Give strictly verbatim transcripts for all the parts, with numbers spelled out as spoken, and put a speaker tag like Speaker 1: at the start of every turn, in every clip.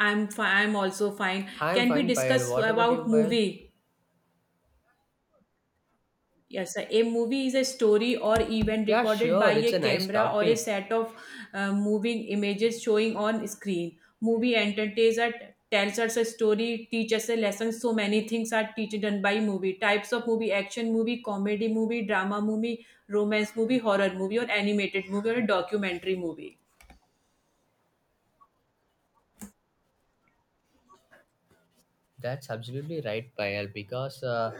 Speaker 1: I'm fine. I'm also fine.
Speaker 2: I'm
Speaker 1: Can we
Speaker 2: fine, Payal.
Speaker 1: discuss
Speaker 2: What about you,
Speaker 1: about
Speaker 2: Payal?
Speaker 1: movie? Yes, sir. A movie is a story or event
Speaker 2: Yeah,
Speaker 1: recorded by
Speaker 2: sure.
Speaker 1: a
Speaker 2: It's a nice
Speaker 1: camera or a
Speaker 2: topic.
Speaker 1: set of uh, moving images showing on screen. Movie entertains us, tells us a story, teaches a lesson. So many things are teach done by movie. Types of movie: action movie, comedy movie, drama movie, romance movie, horror movie, or animated movie or a documentary movie.
Speaker 2: That's absolutely right, Payal. Because uh,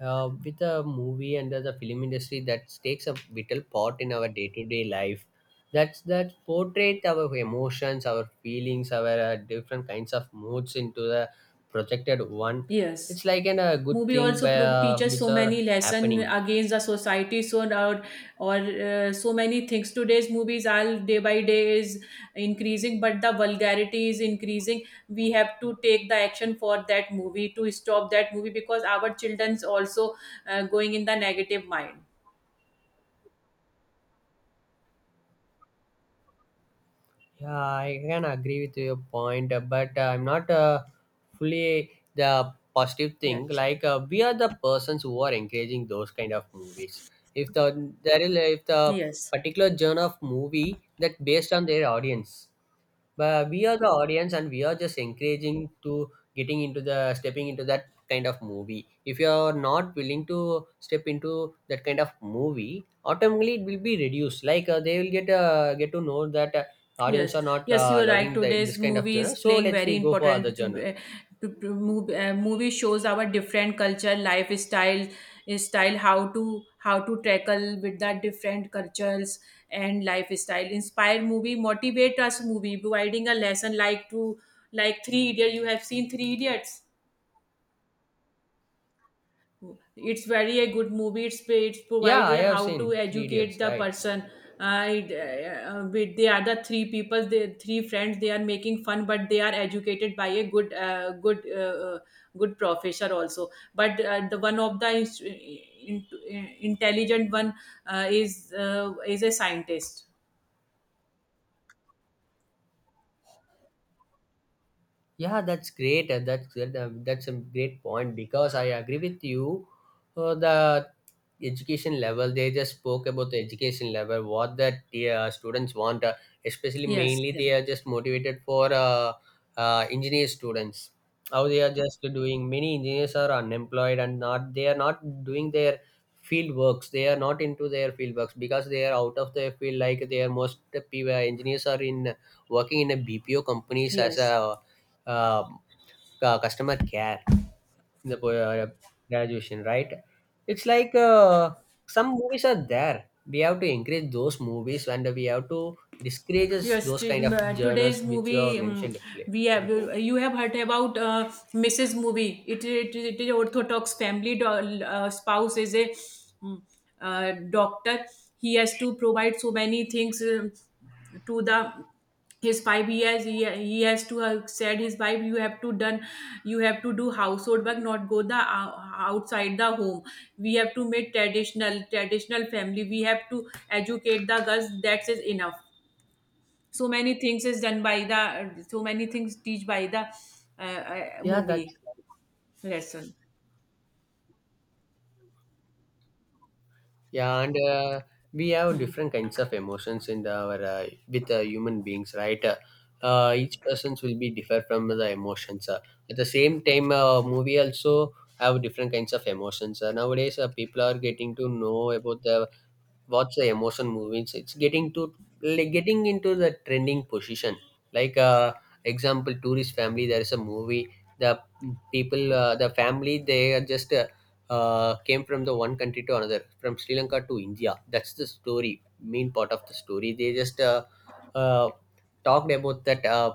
Speaker 2: uh, with the movie and the, the film industry, that takes a vital part in our day-to-day life. That's that portrait our emotions, our feelings, our uh, different kinds of moods into the projected one.
Speaker 1: Yes.
Speaker 2: It's like an, a good
Speaker 1: movie
Speaker 2: thing
Speaker 1: also
Speaker 2: by,
Speaker 1: pro-
Speaker 2: uh,
Speaker 1: teaches so
Speaker 2: which
Speaker 1: many
Speaker 2: are
Speaker 1: lesson
Speaker 2: happening.
Speaker 1: against the society so now or uh, so many things today's movies all day by day is increasing, but the vulgarity is increasing. We have to take the action for that movie, to stop that movie because our children's also uh, going in the negative mind.
Speaker 2: Yeah, I can agree with your point, uh, but uh, I'm not uh, fully the positive thing.
Speaker 1: Yes,
Speaker 2: Like uh, we are the persons who are encouraging those kind of movies. If the there is if the
Speaker 1: yes.
Speaker 2: particular genre of movie that based on their audience, but we are the audience and we are just encouraging to getting into the stepping into that kind of movie if you are not willing to step into that kind of movie automatically it will be reduced like uh, they will get uh, get to know that uh, audience
Speaker 1: Yes,
Speaker 2: are not
Speaker 1: yes,
Speaker 2: uh,
Speaker 1: you are right.
Speaker 2: loving the, this
Speaker 1: Today's
Speaker 2: kind of
Speaker 1: movie
Speaker 2: genre
Speaker 1: is
Speaker 2: so
Speaker 1: playing
Speaker 2: let's
Speaker 1: very
Speaker 2: we go for other
Speaker 1: important to,
Speaker 2: genre.
Speaker 1: uh, to, to move, uh, movie shows our different culture, lifestyle, uh, style, how to how to tackle with the different cultures and lifestyle. Inspire movie, motivate us movie, providing a lesson, like to like Three Idiots. You have seen Three Idiots, it's very a good movie it's it's
Speaker 2: Yeah,
Speaker 1: provides
Speaker 2: I
Speaker 1: a
Speaker 2: have
Speaker 1: how to
Speaker 2: seen Three
Speaker 1: educate
Speaker 2: Idiots,
Speaker 1: the
Speaker 2: right?
Speaker 1: person. Uh, it, uh, uh, with, they are the other three people, the three friends, they are making fun, but they are educated by a good uh, good uh, uh, good professor also, but uh, the one of the is- in, in- intelligent one uh, is uh, is a scientist.
Speaker 2: Yeah, that's great. Uh, That's that, uh, that's a great point because I agree with you. Uh, the education level they just spoke about the education level, what that the uh, students want. Uh, especially
Speaker 1: Yes,
Speaker 2: mainly
Speaker 1: yeah.
Speaker 2: they are just motivated for uh, uh, engineer students. How they are just doing many engineers are unemployed and not they are not doing their field works. They are not into their field works because they are out of their field. Like they are most uh, engineers are in working in a B P O companies as
Speaker 1: Yes.
Speaker 2: a um, cu- customer care in the uh, graduation, right? It's like uh, some movies are there. We have to encourage those movies and we have to discourage
Speaker 1: Yes,
Speaker 2: those
Speaker 1: t-
Speaker 2: kind
Speaker 1: m-
Speaker 2: of
Speaker 1: uh,
Speaker 2: journals
Speaker 1: today's
Speaker 2: which you have
Speaker 1: movie, um,
Speaker 2: mentioned le-
Speaker 1: we have,
Speaker 2: before.
Speaker 1: you have heard about uh, Missus Movie. It, it, it is Orthodox family do- uh, spouse is a mm, uh, doctor. He has to provide so many things, um, to the his five years. He, he has to have said his wife, you have to done, you have to do household work, not go the uh, outside the home. We have to make traditional traditional family. We have to educate the girls. That is enough, so many things is done by the, so many things teach by the uh, uh,
Speaker 2: Yeah, that
Speaker 1: movie lesson.
Speaker 2: Yeah, and uh, we have different kinds of emotions in the, our uh, with uh, human beings, right? Uh, uh, each persons will be differ from the emotions. Uh, at the same time, uh, movie also have different kinds of emotions. Uh, nowadays, uh, people are getting to know about the watch the emotion movies, it's getting to, like, getting into the trending position like uh example tourist family there is a movie, the people uh, the family they are just uh, uh, came from the one country to another, from Sri Lanka to India. That's the story, main part of the story they just uh, uh, talked about that uh,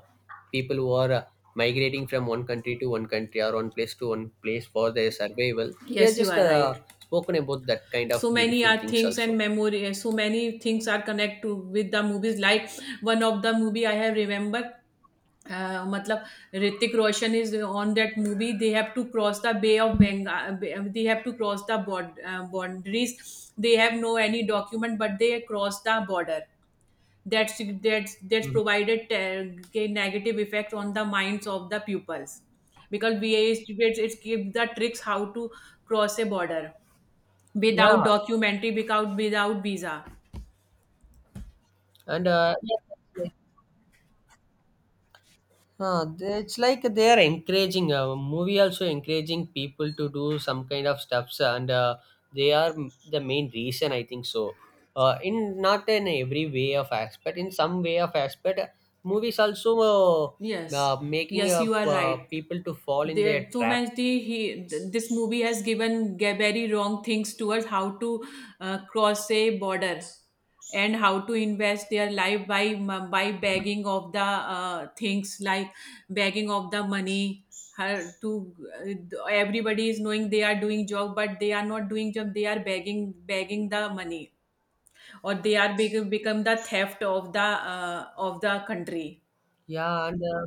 Speaker 2: people who are uh, migrating from one country to one country or one place to one place for their survival. They are
Speaker 1: Yes, you
Speaker 2: just
Speaker 1: are
Speaker 2: uh,
Speaker 1: right.
Speaker 2: spoken about that kind of
Speaker 1: So many
Speaker 2: beautiful
Speaker 1: are
Speaker 2: things
Speaker 1: things and
Speaker 2: also.
Speaker 1: memory, so many things are connect to with the movies. Like one of the movie I have remembered, uh, मतलब Hrithik Roshan is on that movie they have to cross the bay of Bengal, they have to cross the boundaries, the boundaries. They have no any document, but they cross the border. That's that's that's
Speaker 2: Mhm.
Speaker 1: provided uh, negative effect on the minds of the pupils, because V A students, it gives the tricks how to cross a border,
Speaker 2: Yeah,
Speaker 1: without documentary, without without visa.
Speaker 2: and uh, yeah, that's like- uh, they- it's like they are encouraging, uh, movie also encouraging people to do some kind of stuffs, and uh, they are m- the main reason I think so. Uh, in not in every way of aspect, in some way of aspect, uh, movies also uh,
Speaker 1: Yes,
Speaker 2: uh, making
Speaker 1: yes,
Speaker 2: uh,
Speaker 1: you are
Speaker 2: uh,
Speaker 1: right.
Speaker 2: people to fall in their
Speaker 1: There so
Speaker 2: trap.
Speaker 1: much, the he th- this movie has given ge- very wrong things towards how to uh, cross a border, and how to invest their life by m- by begging of the uh, things, like begging of the money, her to uh, everybody is knowing, they are doing job, but they are not doing job, they are begging begging the money, or they are bec- become the theft of the uh, of the country.
Speaker 2: Yeah, and uh,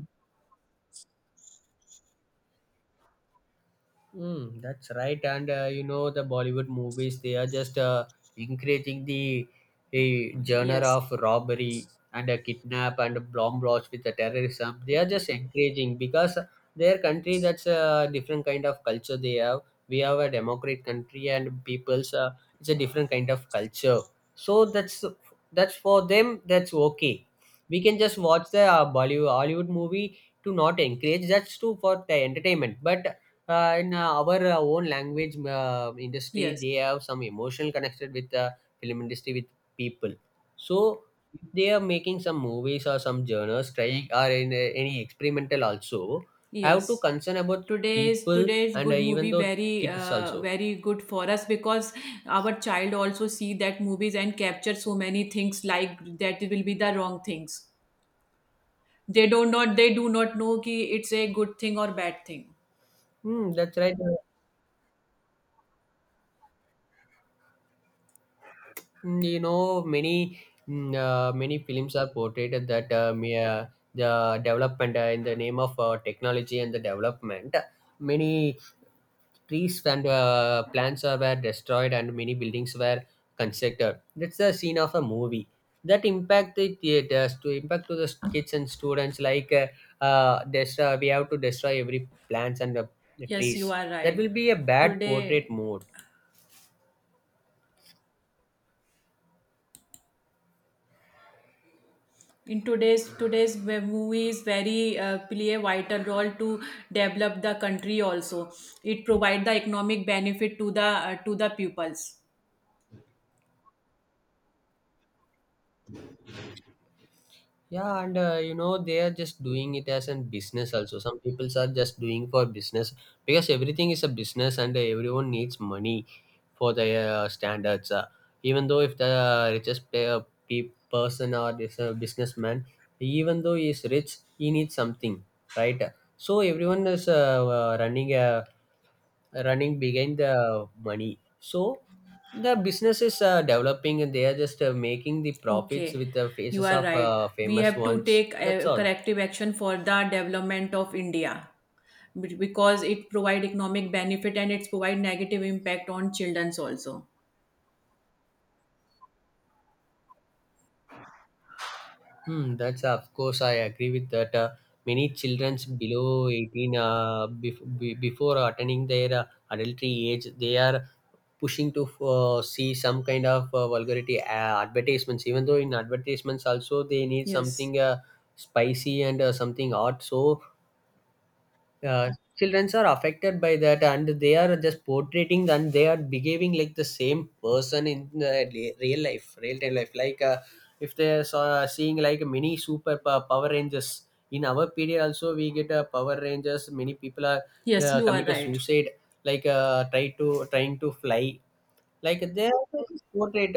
Speaker 2: Mm, that's right, and uh, you know the Bollywood movies they are just uh, encouraging the a genre
Speaker 1: Yes,
Speaker 2: of robbery and a kidnap and a bomb blast with the terrorism. They are just encouraging because their country, that's a different kind of culture they have. We have a democratic country and people's, uh, it's a different kind of culture. So that's that's for them, that's okay. We can just watch the uh, Bollywood Hollywood movie to not encourage, that's too for the entertainment, but uh, in uh, our uh, own language uh, industry
Speaker 1: yes.
Speaker 2: they have some emotional connected with the film industry with people. So if they are making some movies or some genres, trying or in uh, any experimental also, have to
Speaker 1: Yes.
Speaker 2: concern about
Speaker 1: Today's
Speaker 2: people
Speaker 1: today's
Speaker 2: and uh,
Speaker 1: good
Speaker 2: even
Speaker 1: movie
Speaker 2: though
Speaker 1: very
Speaker 2: kids
Speaker 1: uh,
Speaker 2: also.
Speaker 1: very good for us, because our child also see that movies and capture so many things like that, will be the wrong things. They do not they do not know ki it's a good thing or bad thing.
Speaker 2: Hmm, that's right. Uh, mm, you know many mm, uh, many films are portrayed that uh, may, uh, the development uh, in the name of uh, technology and the development, many trees and uh, plants uh, were destroyed and many buildings were constructed, that's the scene of a movie that impact the theaters, to impact to the kids and students like uh, uh, destroy, we have to destroy every plants and uh, the
Speaker 1: Yes, you
Speaker 2: trees.
Speaker 1: are
Speaker 2: That will
Speaker 1: right.
Speaker 2: be a bad portrait
Speaker 1: Today,
Speaker 2: mode.
Speaker 1: in today's today's web movies, very uh, play a vital role to develop the country also. It provide the economic benefit to the uh, to the pupils.
Speaker 2: Yeah, and uh, you know they are just doing it as a business also, some people are just doing for business because everything is a business and everyone needs money for their uh, standards. Uh, even though if the richest player, pe- person or is a businessman, even though he is rich, he needs something, right? So everyone is uh, uh, running a running behind the money. So the business is uh, developing and they are just uh, making the profits
Speaker 1: Okay,
Speaker 2: with the
Speaker 1: you
Speaker 2: faces
Speaker 1: are
Speaker 2: of
Speaker 1: right.
Speaker 2: uh,
Speaker 1: We
Speaker 2: famous
Speaker 1: have to
Speaker 2: ones.
Speaker 1: take
Speaker 2: That's
Speaker 1: uh,
Speaker 2: all.
Speaker 1: corrective action for the development of India, be- because it provide economic benefit, and it's provide negative impact on childrens also.
Speaker 2: Hmm, that's of course I agree with that. Uh, many childrens below eighteen, uh, bef- be- before attaining their uh, adultery age, they are pushing to uh, see some kind of uh, vulgarity uh, advertisements. Even though in advertisements also they need
Speaker 1: Yes.
Speaker 2: something uh, spicy and uh, something hot, so uh, children are affected by that and they are just portraying and they are behaving like the same person in the le- real life real time life like, uh, if they are saw- uh, seeing like mini super pow- power rangers. In our period also we get uh, power rangers, many people are
Speaker 1: Yes,
Speaker 2: uh,
Speaker 1: you are
Speaker 2: committed
Speaker 1: right.
Speaker 2: suicide like, uh, try to trying to fly like they are portrayed.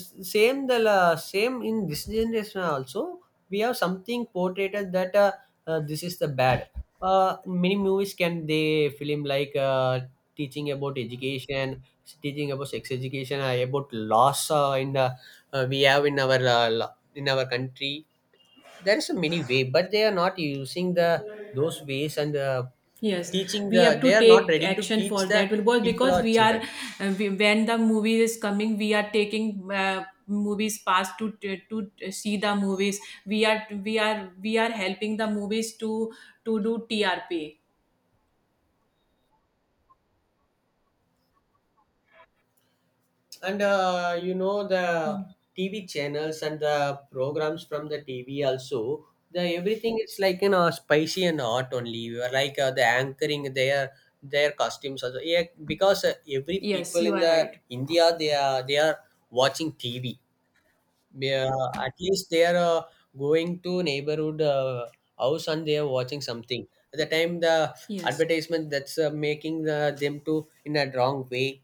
Speaker 2: S- Same the la- same in this generation also. We have something portrayed that uh, uh, this is the bad. Uh, many movies can they film like, uh, teaching about education, teaching about sex education, uh, about loss uh, in the, uh, we have in our uh, lo- in our country. There is a many way, but they are not using the those ways and uh,
Speaker 1: Yes,
Speaker 2: teaching
Speaker 1: we
Speaker 2: the.
Speaker 1: have to
Speaker 2: They are not
Speaker 1: take
Speaker 2: ready to
Speaker 1: action for
Speaker 2: teach the
Speaker 1: that, because
Speaker 2: people
Speaker 1: because
Speaker 2: or
Speaker 1: we are
Speaker 2: children.
Speaker 1: uh, we, when the movie is coming, we are taking uh, movies past to to see the movies. We are, we are we are helping the movies to to do T R P.
Speaker 2: And uh, you know the T V channels and the programs from the T V also, the everything is like, you know spicy and hot only. You are like uh, the anchoring, their their costumes also, yeah, because uh, every
Speaker 1: Yes,
Speaker 2: people
Speaker 1: you
Speaker 2: in
Speaker 1: are
Speaker 2: the
Speaker 1: right.
Speaker 2: India, they are they are watching T V, yeah, at least they are uh, going to neighborhood uh, house and they are watching something. At the time, the
Speaker 1: Yes.
Speaker 2: advertisement, that's uh, making the, them to in a wrong way.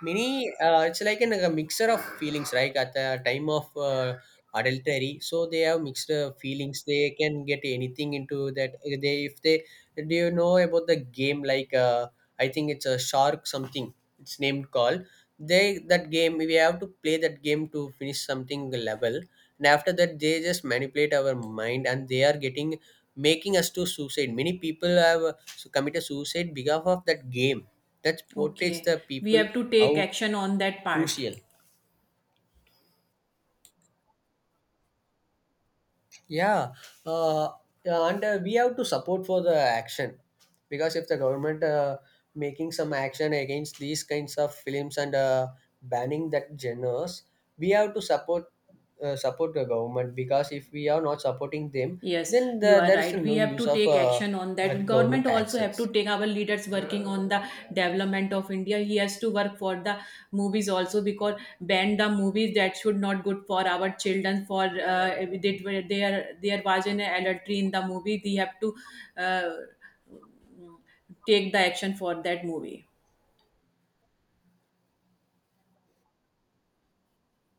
Speaker 2: Many, uh, it's like an, a mixture of feelings, right? At the time of uh, adultery, so they have mixed uh, feelings. They can get anything into that. Uh, They, if they, do you know about the game? Like, uh, I think it's a shark something. It's named call. They that game, we have to play that game to finish something level, and after that they just manipulate our mind, and they are getting making us to suicide. Many people have uh, committed suicide because of that game, that portrays
Speaker 1: Okay.
Speaker 2: the
Speaker 1: We
Speaker 2: people
Speaker 1: have to take
Speaker 2: how
Speaker 1: action on that part.
Speaker 2: crucial. Yeah, uh, yeah, and uh, we have to support for the action, because if the government uh, making some action against these kinds of films and uh, banning that genres, we have to support uh, support the government, because if we are not supporting them,
Speaker 1: Yes,
Speaker 2: then
Speaker 1: you
Speaker 2: the,
Speaker 1: are
Speaker 2: there is
Speaker 1: right.
Speaker 2: no
Speaker 1: We have
Speaker 2: use
Speaker 1: to
Speaker 2: of
Speaker 1: take
Speaker 2: uh,
Speaker 1: action on
Speaker 2: uh,
Speaker 1: that. Government
Speaker 2: government
Speaker 1: also have to
Speaker 2: actions.
Speaker 1: take, our leaders working on the development of India. He has to work for the movies also, because ban the movies that should not good for our children. For uh, they, there there was an adultery in the movie. They have to uh, take the action for that movie.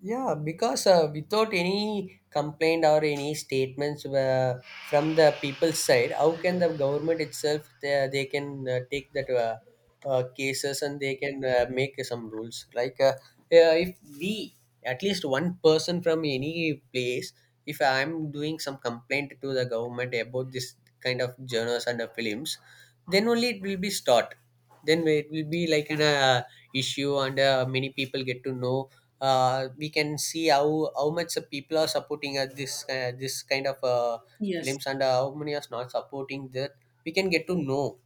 Speaker 2: Yeah, because uh, without any complaint or any statements uh, from the people's side, how can the government itself, they, they can uh, take that uh, uh, cases and they can uh, make some rules? Like uh, uh, if we, at least one person from any place, if I am doing some complaint to the government about this kind of journals and uh, films, then only it will be start. Then it will be like an uh, issue and uh, many people get to know, uh, we can see how how much the people are supporting uh, this uh, this kind of uh,
Speaker 1: Yes.
Speaker 2: films and uh, how many are not supporting that, we can get to know.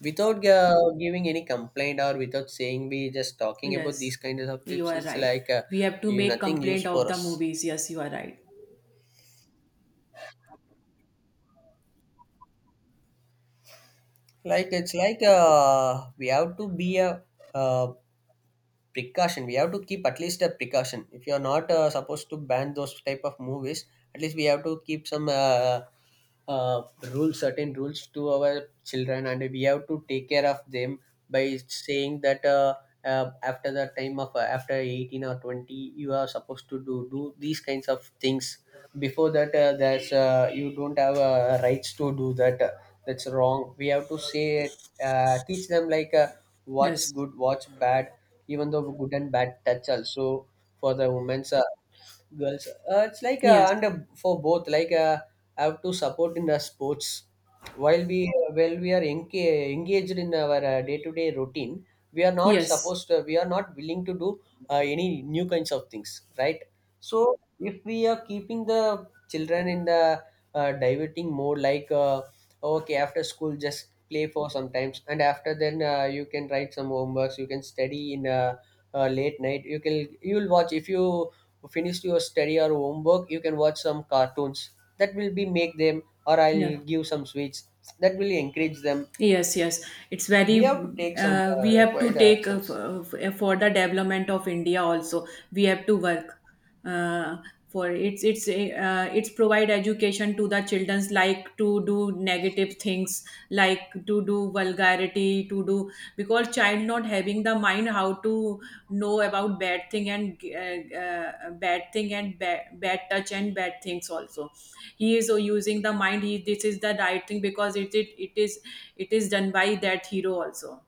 Speaker 2: Without uh, giving any complaint or without saying, we just talking about these
Speaker 1: Yes,
Speaker 2: kinds of
Speaker 1: you
Speaker 2: tips,
Speaker 1: are
Speaker 2: it's
Speaker 1: right.
Speaker 2: like uh,
Speaker 1: We have to
Speaker 2: you
Speaker 1: make
Speaker 2: nothing use
Speaker 1: complaint
Speaker 2: for
Speaker 1: of the
Speaker 2: us.
Speaker 1: movies. Yes, you are right.
Speaker 2: Like, it's like uh, we have to be a uh, precaution, we have to keep at least a precaution. If you are not uh, supposed to ban those type of movies, at least we have to keep some uh, uh, rules, certain rules to our children, and we have to take care of them by saying that, uh, uh, after the time of, uh, after eighteen or twenty you are supposed to do do these kinds of things. Before that, uh, there's uh, you don't have uh, rights to do that, that's wrong, we have to say, uh, teach them like, uh, what's
Speaker 1: Yes,
Speaker 2: good, what's bad, even though good and bad touch also, for the women's uh, girls, uh, it's like
Speaker 1: yes,
Speaker 2: uh, and uh, for both like, uh, have to support in the sports. While we uh, while we are enca- engaged in our uh, day-to-day routine, we are not
Speaker 1: yes,
Speaker 2: supposed to, we are not willing to do uh, any new kinds of things, right? So if we are keeping the children in the uh, diverting mode like, uh, okay, after school just play for sometimes, and after then uh, you can write some homeworks, you can study in, uh, uh, late night you can you'll watch. If you finish your study or homework, you can watch some cartoons, that will be make them, or I'll
Speaker 1: yeah,
Speaker 2: give some sweets, that will encourage them.
Speaker 1: yes, yes. It's
Speaker 2: We
Speaker 1: very.
Speaker 2: have to take some
Speaker 1: Uh,
Speaker 2: uh,
Speaker 1: we have to
Speaker 2: required
Speaker 1: take uh, f-
Speaker 2: actions.
Speaker 1: uh, f- for the development of India also. We have to work uh, for, it's it's uh, it's provide education to the childrens, like to do negative things, like to do vulgar, to do, because child not having the mind how to know about bad thing, and uh, uh, bad thing and bad, bad touch and bad things also. He is so using the mind, he, this is the right thing, because it, it it is, it is done by that hero also.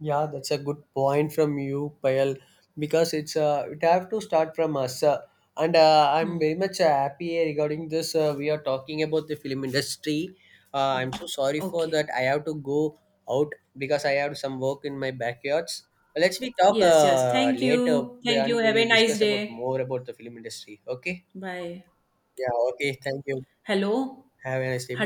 Speaker 2: Yeah, that's a good point from you, Payal, because it's uh, it have to start from us, uh, and uh, I'm
Speaker 1: Hmm.
Speaker 2: very much uh, happy regarding this. Uh, we are talking about the film industry. Uh,
Speaker 1: Yeah.
Speaker 2: I'm so sorry for
Speaker 1: Okay.
Speaker 2: that. I have to go out because I have some work in my backyards. Let's we talk
Speaker 1: Yes, yes,
Speaker 2: uh,
Speaker 1: thank
Speaker 2: later
Speaker 1: you, thank you,
Speaker 2: and
Speaker 1: have
Speaker 2: we
Speaker 1: a nice
Speaker 2: discuss about
Speaker 1: day.
Speaker 2: more about the film industry. Okay.
Speaker 1: Bye.
Speaker 2: Yeah. Okay. Thank you.
Speaker 1: Hello.
Speaker 2: Have a nice day. Bye